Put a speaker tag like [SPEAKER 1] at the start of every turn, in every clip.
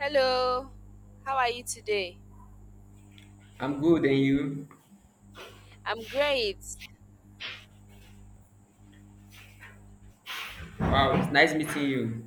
[SPEAKER 1] Hello, how are you today?
[SPEAKER 2] I'm good, and you?
[SPEAKER 1] I'm great. Nice
[SPEAKER 2] Wow, it's nice meeting you.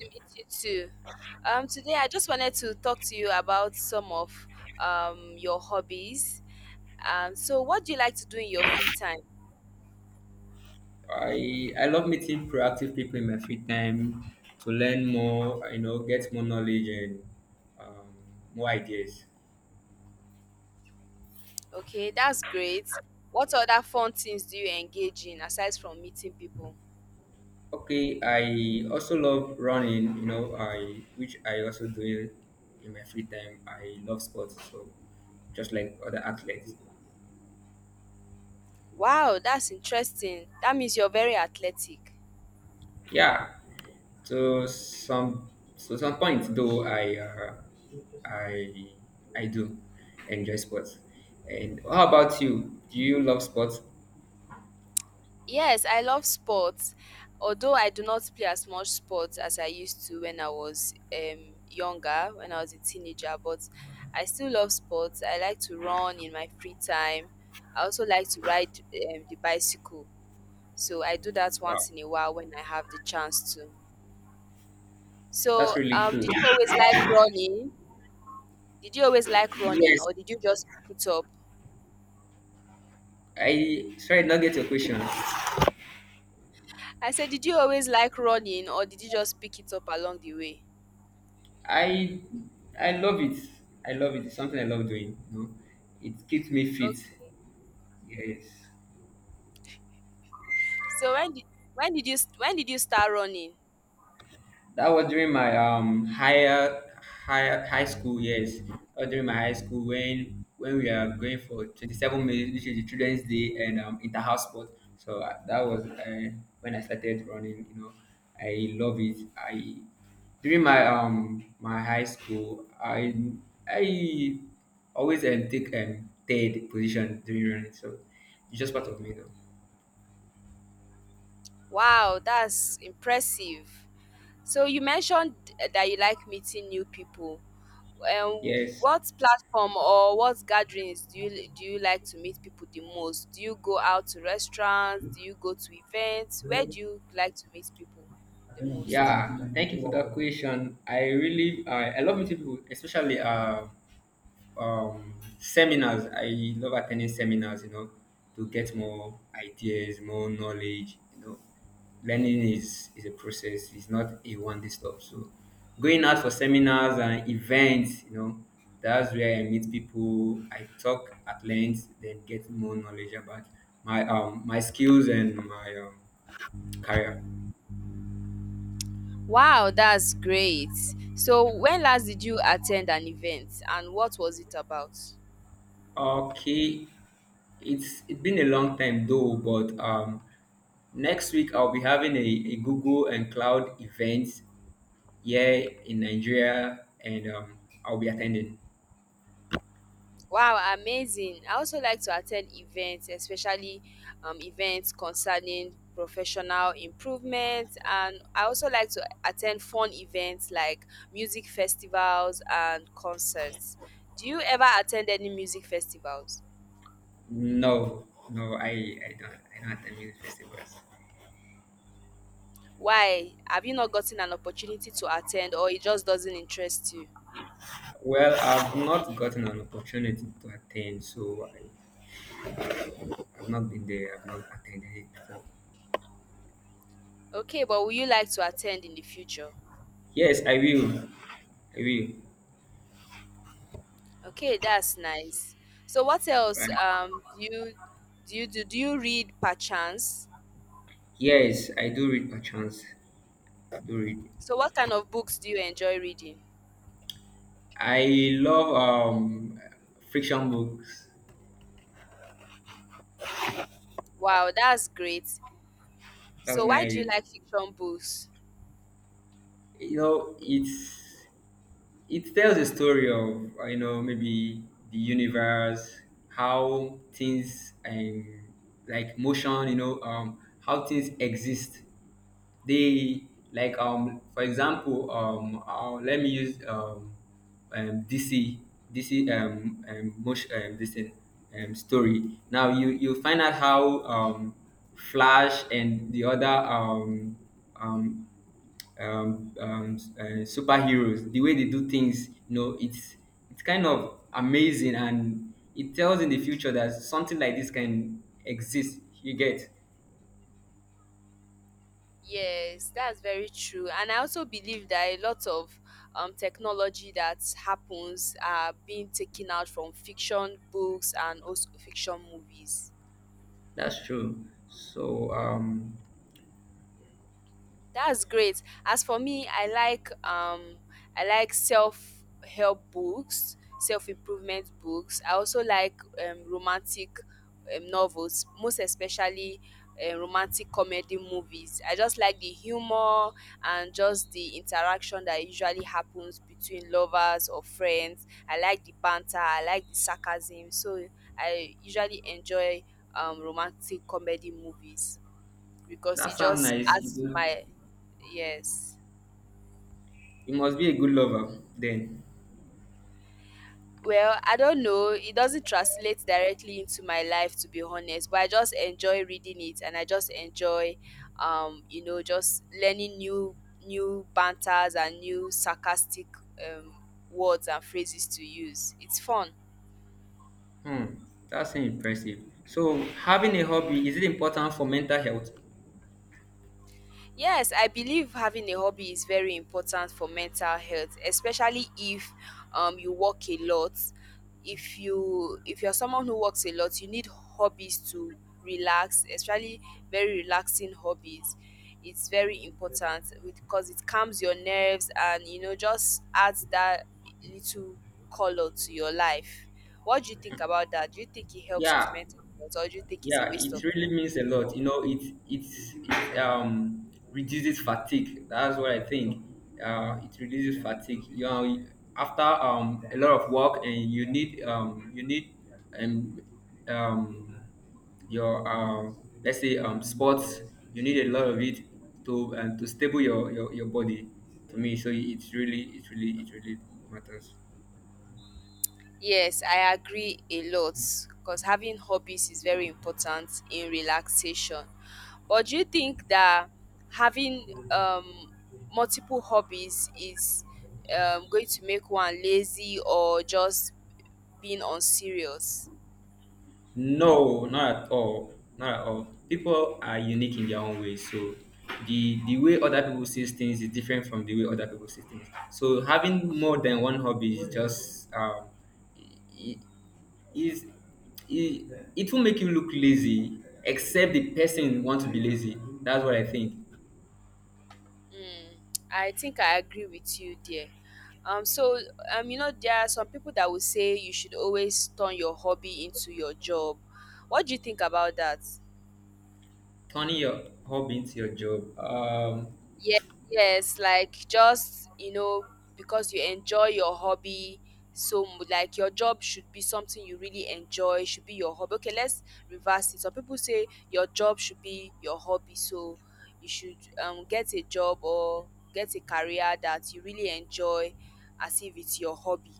[SPEAKER 1] to meet you too. Today I just wanted to talk to you about some of your hobbies. So what do you like to do in your free time?
[SPEAKER 2] I love meeting proactive people in my free time to learn more, you know, get more knowledge and um, more ideas.
[SPEAKER 1] Okay, that's great. What other fun things do you engage in aside from meeting people?
[SPEAKER 2] Okay, I also love running, you know, I which I also do in my free time. I love sports, so just like other athletes.
[SPEAKER 1] Wow, that's interesting. That means you're very athletic.
[SPEAKER 2] Yeah. So some so some points, though I I do enjoy sports. And how about you? Do you love sports?
[SPEAKER 1] Yes, I love sports. Although I do not play as much sports as I used to when I was younger, when I was a teenager, but I still love sports. I like to run in my free time. I also like to ride the bicycle. So I do that
[SPEAKER 2] Wow,
[SPEAKER 1] once in a while when I have the chance to.
[SPEAKER 2] that's
[SPEAKER 1] So,
[SPEAKER 2] really
[SPEAKER 1] um,
[SPEAKER 2] cool.
[SPEAKER 1] did you always like running? Did you always like running,
[SPEAKER 2] Yes,
[SPEAKER 1] or did you just pick it up?
[SPEAKER 2] I sorry, I did not get your question.
[SPEAKER 1] I said, did you always like running, or did you just pick it up along the way?
[SPEAKER 2] I I love it. I love it. It's something I love doing. You know, it keeps me fit.
[SPEAKER 1] Okay.
[SPEAKER 2] Yes.
[SPEAKER 1] So when did you start running?
[SPEAKER 2] That was during my high school years. Or during my high school when we are going for 27 minutes, which is the children's day and interhouse sport. So that was, when I started running. You know, I love it. I during my my high school, I always take third position during running. So it's just part of me, though.
[SPEAKER 1] Wow, that's impressive. So you mentioned that you like meeting new people. Um,
[SPEAKER 2] Yes.
[SPEAKER 1] what platform or what gatherings do you like to meet people the most? Do you go out to restaurants? Do you go to events? Where do you like to meet people the most?
[SPEAKER 2] Yeah, thank you for that question. I really, I love meeting people, especially seminars. I love attending seminars, you know, to get more ideas, more knowledge, you know. Learning is a process, it's not a one day stop. So going out for seminars and events, you know, that's where I meet people, I talk at length, then get more knowledge about my skills and my career.
[SPEAKER 1] Wow, that's great. So when last did you attend an event and what was it about?
[SPEAKER 2] Okay, it's been a long time, though, but next week I'll be having a Google and Cloud event here in Nigeria, and I'll be attending.
[SPEAKER 1] Wow, amazing. I also like to attend events, especially events concerning professional improvement. And I also like to attend fun events like music festivals and concerts. Do you ever attend any music festivals?
[SPEAKER 2] No, no, I don't attend music festivals.
[SPEAKER 1] Why? Have you not gotten an opportunity to attend or it just doesn't interest you?
[SPEAKER 2] Well, I've not gotten an opportunity to attend, so I've not been there. I've not attended it before.
[SPEAKER 1] Okay, but will you like to attend in the future?
[SPEAKER 2] Yes, I will. I will.
[SPEAKER 1] Okay, that's nice. So what else
[SPEAKER 2] Right.
[SPEAKER 1] do you do? Do you read per chance?
[SPEAKER 2] Yes, I do read perchance. I do read.
[SPEAKER 1] So what kind of books do you enjoy reading?
[SPEAKER 2] I love fiction books.
[SPEAKER 1] Wow, that's great.
[SPEAKER 2] That's
[SPEAKER 1] So why do you
[SPEAKER 2] nice.
[SPEAKER 1] like fiction books?
[SPEAKER 2] You know, it tells a story of, you know, maybe the universe, how things, like motion, you know, how things exist. They Like, for example, let me use, dc, motion, this thing, story. Now you find out how, flash and the other, um superheroes, the way they do things. You know, it's kind of amazing, and it tells in the future that something like this can exist. You get
[SPEAKER 1] Yes, that's very true. And I also believe that a lot of technology that happens are being taken out from fiction books and also fiction movies.
[SPEAKER 2] that's true. So
[SPEAKER 1] That's great. As for me, I like I like self help books, self improvement books. I also like romantic novels, most especially romantic comedy movies. I just like the humor and just the interaction that usually happens between lovers or friends. I like the banter. I like the sarcasm. So I usually enjoy romantic comedy movies because
[SPEAKER 2] that
[SPEAKER 1] it
[SPEAKER 2] sounds
[SPEAKER 1] just
[SPEAKER 2] nice.
[SPEAKER 1] adds to my yes.
[SPEAKER 2] You must be a good lover then.
[SPEAKER 1] Well, I don't know. It doesn't translate directly into my life to be honest, but I just enjoy reading it and I just enjoy just learning new banters and new sarcastic um words and phrases to use. It's fun.
[SPEAKER 2] Hmm, that's impressive. So having a hobby, is it important for mental health?
[SPEAKER 1] Yes, I believe having a hobby is very important for mental health, especially if you work a lot. If you if you're someone who works a lot, you need hobbies to relax, especially very relaxing hobbies. It's very important because it calms your nerves and you know just adds that little color to your life. What do you think about that? Do you think it helps with
[SPEAKER 2] Yeah,
[SPEAKER 1] mental health or do you think it's a
[SPEAKER 2] yeah,
[SPEAKER 1] waste
[SPEAKER 2] it
[SPEAKER 1] of
[SPEAKER 2] really means a lot, you know. It reduces fatigue, that's what I think. It reduces fatigue, you know, after a lot of work, and you need, you need, and um your, let's say sports, you need a lot of it to, and to stable your body. To me, so it's really, it really matters.
[SPEAKER 1] yes, I agree a lot because having hobbies is very important in relaxation. But do you think that having multiple hobbies is going to make one lazy or just being unserious?
[SPEAKER 2] No, not at all. Not at all. People are unique in their own way. So the way other people see things is different from the way other people see things. So having more than one hobby is just i- is, it will make you look lazy except the person wants to be lazy, that's what I think.
[SPEAKER 1] Mm, I think I agree with you there. So you know, there are some people that will say you should always turn your hobby into your job. What do you think about that?
[SPEAKER 2] Turning your hobby into your job,
[SPEAKER 1] Yes, yes, like just, you know, because you enjoy your hobby so like your job should be something you really enjoy, should be your hobby. Okay, let's reverse it. Some people say your job should be your hobby, so you should get a job or get a career that you really enjoy as if it's your hobby,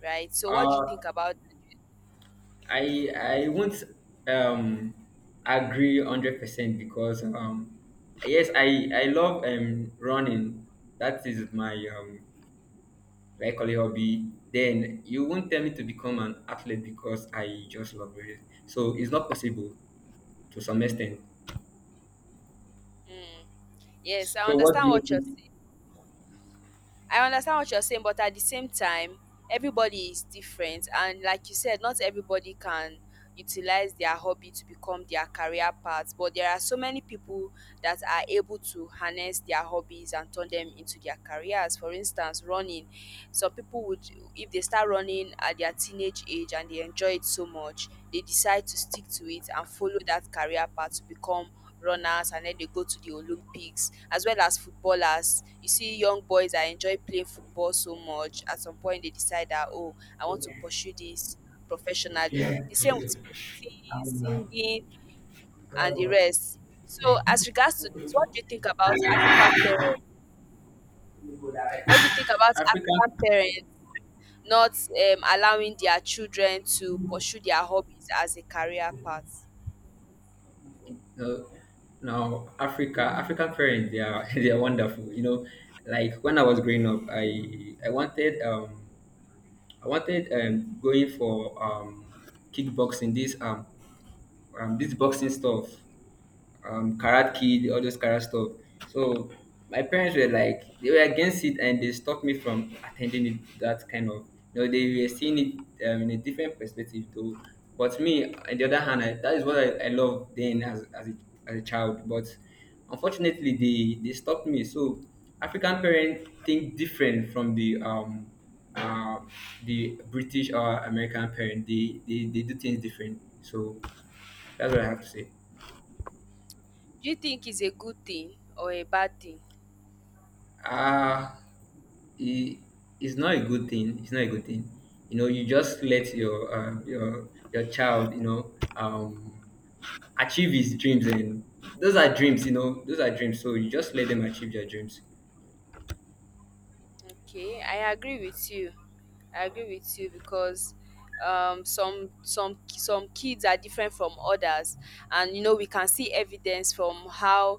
[SPEAKER 1] right? So what do you think
[SPEAKER 2] uh
[SPEAKER 1] about that?
[SPEAKER 2] I won't, um agree 100%, because yes, I love running, that is my like a hobby. Then you won't tell me to become an athlete because I just love it. So it's not possible to some extent.
[SPEAKER 1] Mm. Yes, I
[SPEAKER 2] So what do
[SPEAKER 1] understand
[SPEAKER 2] you
[SPEAKER 1] what you're
[SPEAKER 2] think?
[SPEAKER 1] saying. I understand what you're saying, but at the same time, everybody is different. And like you said, not everybody can utilize their hobby to become their career path. But there are so many people that are able to harness their hobbies and turn them into their careers. For instance, running. Some people would, if they start running at their teenage age and they enjoy it so much, they decide to stick to it and follow that career path to become runners and then they go to the Olympics as well as footballers. You see young boys that enjoy playing football so much, at some point they decide that oh, I want to pursue this professionally. The same with painting, singing and the rest. So as regards to this, what do you think about African parents? What do you think about African
[SPEAKER 2] African
[SPEAKER 1] parents not allowing their children to pursue their hobbies as a career path?
[SPEAKER 2] uh, Now, African parents, they are they are wonderful. You know, like when I was growing up, I wanted, I wanted, going for, kickboxing, this boxing stuff, Karate Kid, all those karate stuff. So my parents were like, they were against it and they stopped me from attending it, that kind of, you know, they were seeing it, in a different perspective, though. But me, on the other hand, that is what I loved then, as as a child. But unfortunately they stopped me. So African parents think different from uh, the British or American parent. They do things different. So that's what I have to say.
[SPEAKER 1] Do you think it's a good thing or a bad thing?
[SPEAKER 2] uh it, it's not a good thing. It's not a good thing. You know, you just let your, your child, you know, achieve his dreams, and those are dreams. You know, those are dreams. So you just let them achieve their dreams.
[SPEAKER 1] Okay, I agree with you. I agree with you because some kids are different from others and you know we can see evidence from how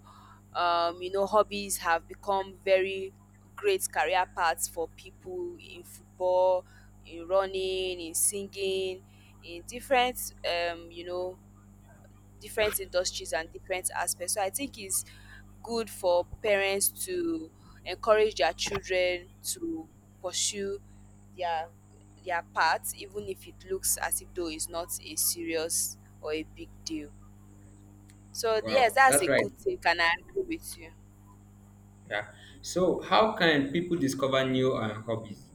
[SPEAKER 1] you know hobbies have become very great career paths for people in football, in running, in singing, in different you know different industries and different aspects. So I think it's good for parents to encourage their children to pursue their their path, even if it looks as if though it's not a serious or a big deal. So
[SPEAKER 2] Wow,
[SPEAKER 1] yes, that's
[SPEAKER 2] that's
[SPEAKER 1] a
[SPEAKER 2] right.
[SPEAKER 1] good take, and I agree with you.
[SPEAKER 2] Yeah. So how can people discover new, hobbies?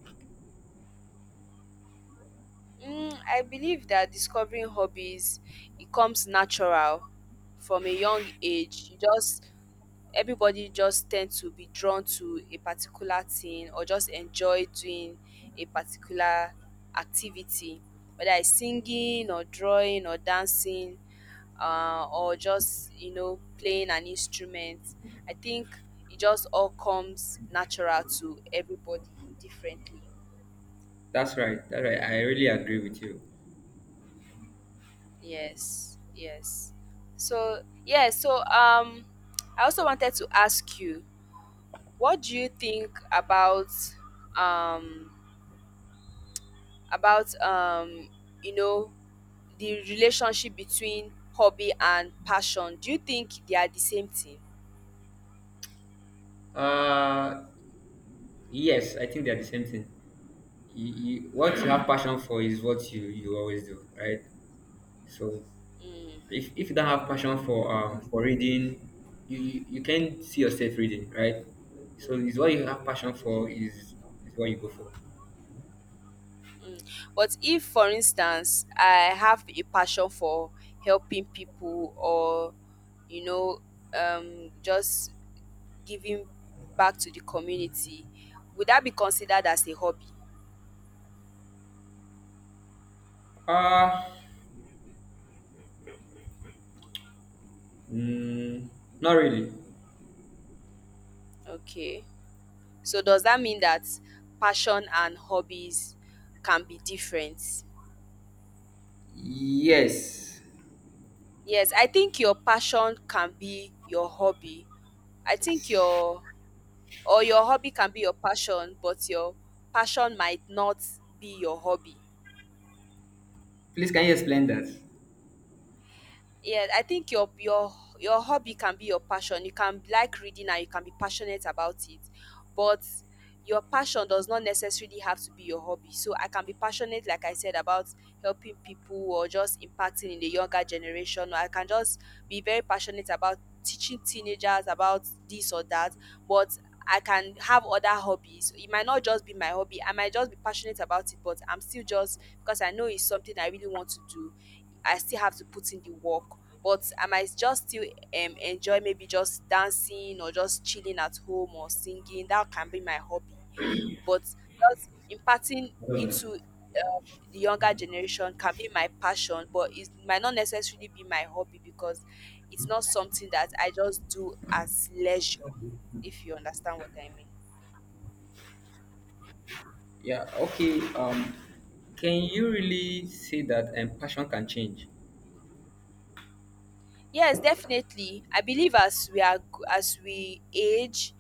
[SPEAKER 1] Mm, I believe that discovering hobbies it comes natural from a young age. You just everybody just tend to be drawn to a particular thing or just enjoy doing a particular activity, whether it's singing or drawing or dancing or just you know playing an instrument. I think it just all comes natural to everybody differently.
[SPEAKER 2] That's right. That's right. I really agree with you.
[SPEAKER 1] Yes, yes. So yeah, so I also wanted to ask you, what do you think about um about um you know the relationship between hobby and passion. Do you think they are the same thing?
[SPEAKER 2] Uh, yes, I think they are the same thing. What you have passion for is what you always do, right? So
[SPEAKER 1] Mm,
[SPEAKER 2] if you don't have passion for, for reading, you can't see yourself reading, right? So it's what you have passion for is what you go for.
[SPEAKER 1] mm. But if, for instance, I have a passion for helping people or, you know, just giving back to the community, would that be considered as a hobby?
[SPEAKER 2] uh mm, not really.
[SPEAKER 1] Okay. So does that mean that passion and hobbies can be different?
[SPEAKER 2] Yes.
[SPEAKER 1] Yes, I think your passion can be your hobby. I think your hobby can be your passion, but your passion might not be your hobby.
[SPEAKER 2] Please, can you explain that?
[SPEAKER 1] Yeah, I think your hobby can be your passion. You can like reading and you can be passionate about it, but your passion does not necessarily have to be your hobby. So I can be passionate, like I said, about helping people or just impacting in the younger generation, or I can just be very passionate about teaching teenagers about this or that. But I can have other hobbies. It might not just be my hobby. I might just be passionate about it, but I'm still, just because I know it's something I really want to do, I still have to put in the work, but I might just still enjoy maybe just dancing or just chilling at home or singing. That can be my hobby. But just imparting into the younger generation can be my passion, but it might not necessarily be my hobby because it's not something that I just do as leisure, if you understand what I mean.
[SPEAKER 2] Yeah. Okay. Can you really say that, passion can change?
[SPEAKER 1] Yes, definitely. I believe as we age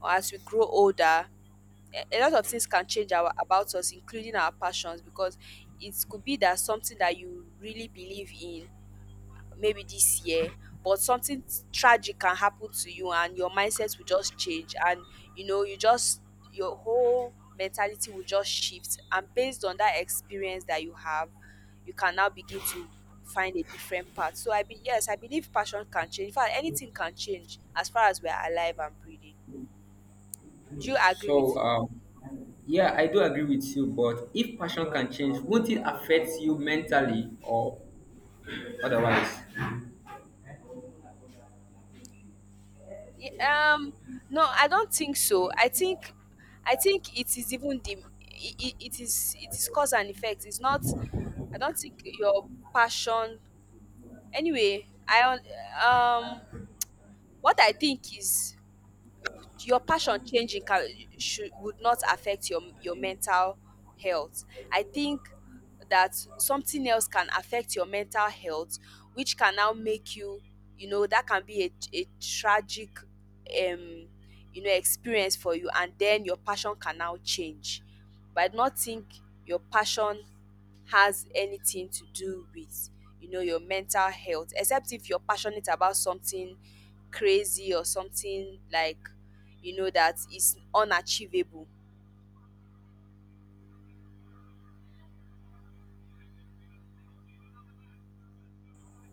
[SPEAKER 1] or as we grow older, a lot of things can change our about us including our passions, because it could be that something that you really believe in maybe this year, but something tragic can happen to you and your mindset will just change and you know you just your whole mentality will just shift, and based on that experience that you have you can now begin to find a different path. So I be yes, I believe passion can change. In fact, anything can change as far as we're alive and breathing. Do you agree
[SPEAKER 2] So
[SPEAKER 1] with me?
[SPEAKER 2] yeah, I do agree with you, but if passion can change, won't it affect you mentally or otherwise?
[SPEAKER 1] Ye No, I don't think so. I think it is even the it, it, it is cause and effect. It's not I don't think your passion anyway, I un- um what I think is your passion changing can should would not affect your mental health. I think that something else can affect your mental health, which can now make you, you know, that can be a tragic you know experience for you, and then your passion can now change. But I do not think your passion has anything to do with you know your mental health, except if you're passionate about something crazy or something like you know that is unachievable.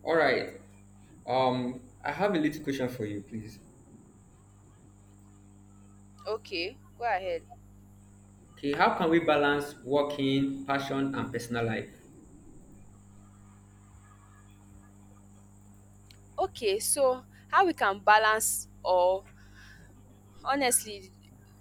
[SPEAKER 2] All right. I have a little question for you, please.
[SPEAKER 1] Okay, go ahead.
[SPEAKER 2] Okay, how can we balance working, passion, and personal life?
[SPEAKER 1] Okay, so how we can balance or honestly,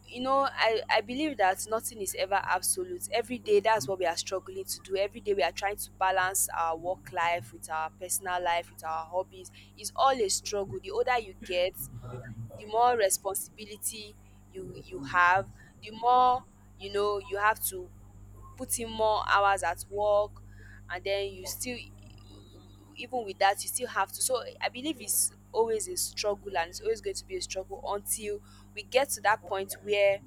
[SPEAKER 1] you know, I believe that nothing is ever absolute. Every day that's what we are struggling to do. Every day we are trying to balance our work life with our personal life, with our hobbies. It's all a struggle. The older you get, the more responsibility you have, the more you know you have to put in more hours at work, and then you still even with that you still have to. So I believe it's always a struggle and it's always going to be a struggle until we get to that point where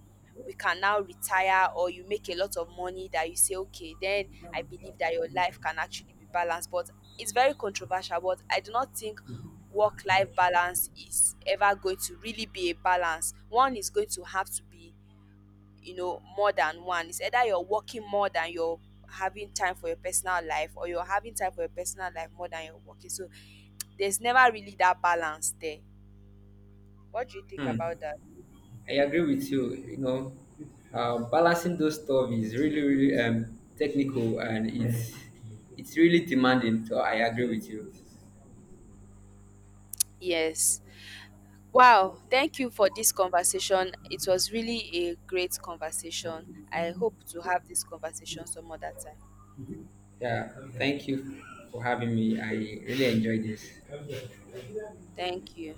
[SPEAKER 1] we can now retire or you make a lot of money that you say okay, then I believe that your life can actually be balanced. But it's very controversial. But I do not think work life balance is ever going to really be a balance. One is going to have to be, you know, more than one. It's either you're working more than you're having time for your personal life, or you're having time for your personal life more than you're working. So there's never really that balance there. What do you think
[SPEAKER 2] Hmm,
[SPEAKER 1] about that?
[SPEAKER 2] I agree with you. You know, balancing those stuff is really, really, technical, and it's really demanding. So I agree with you.
[SPEAKER 1] Yes, wow, thank you for this conversation. It was really a great conversation. I hope to have this conversation some other time.
[SPEAKER 2] Yeah, thank you for having me. I really enjoyed this.
[SPEAKER 1] Thank you.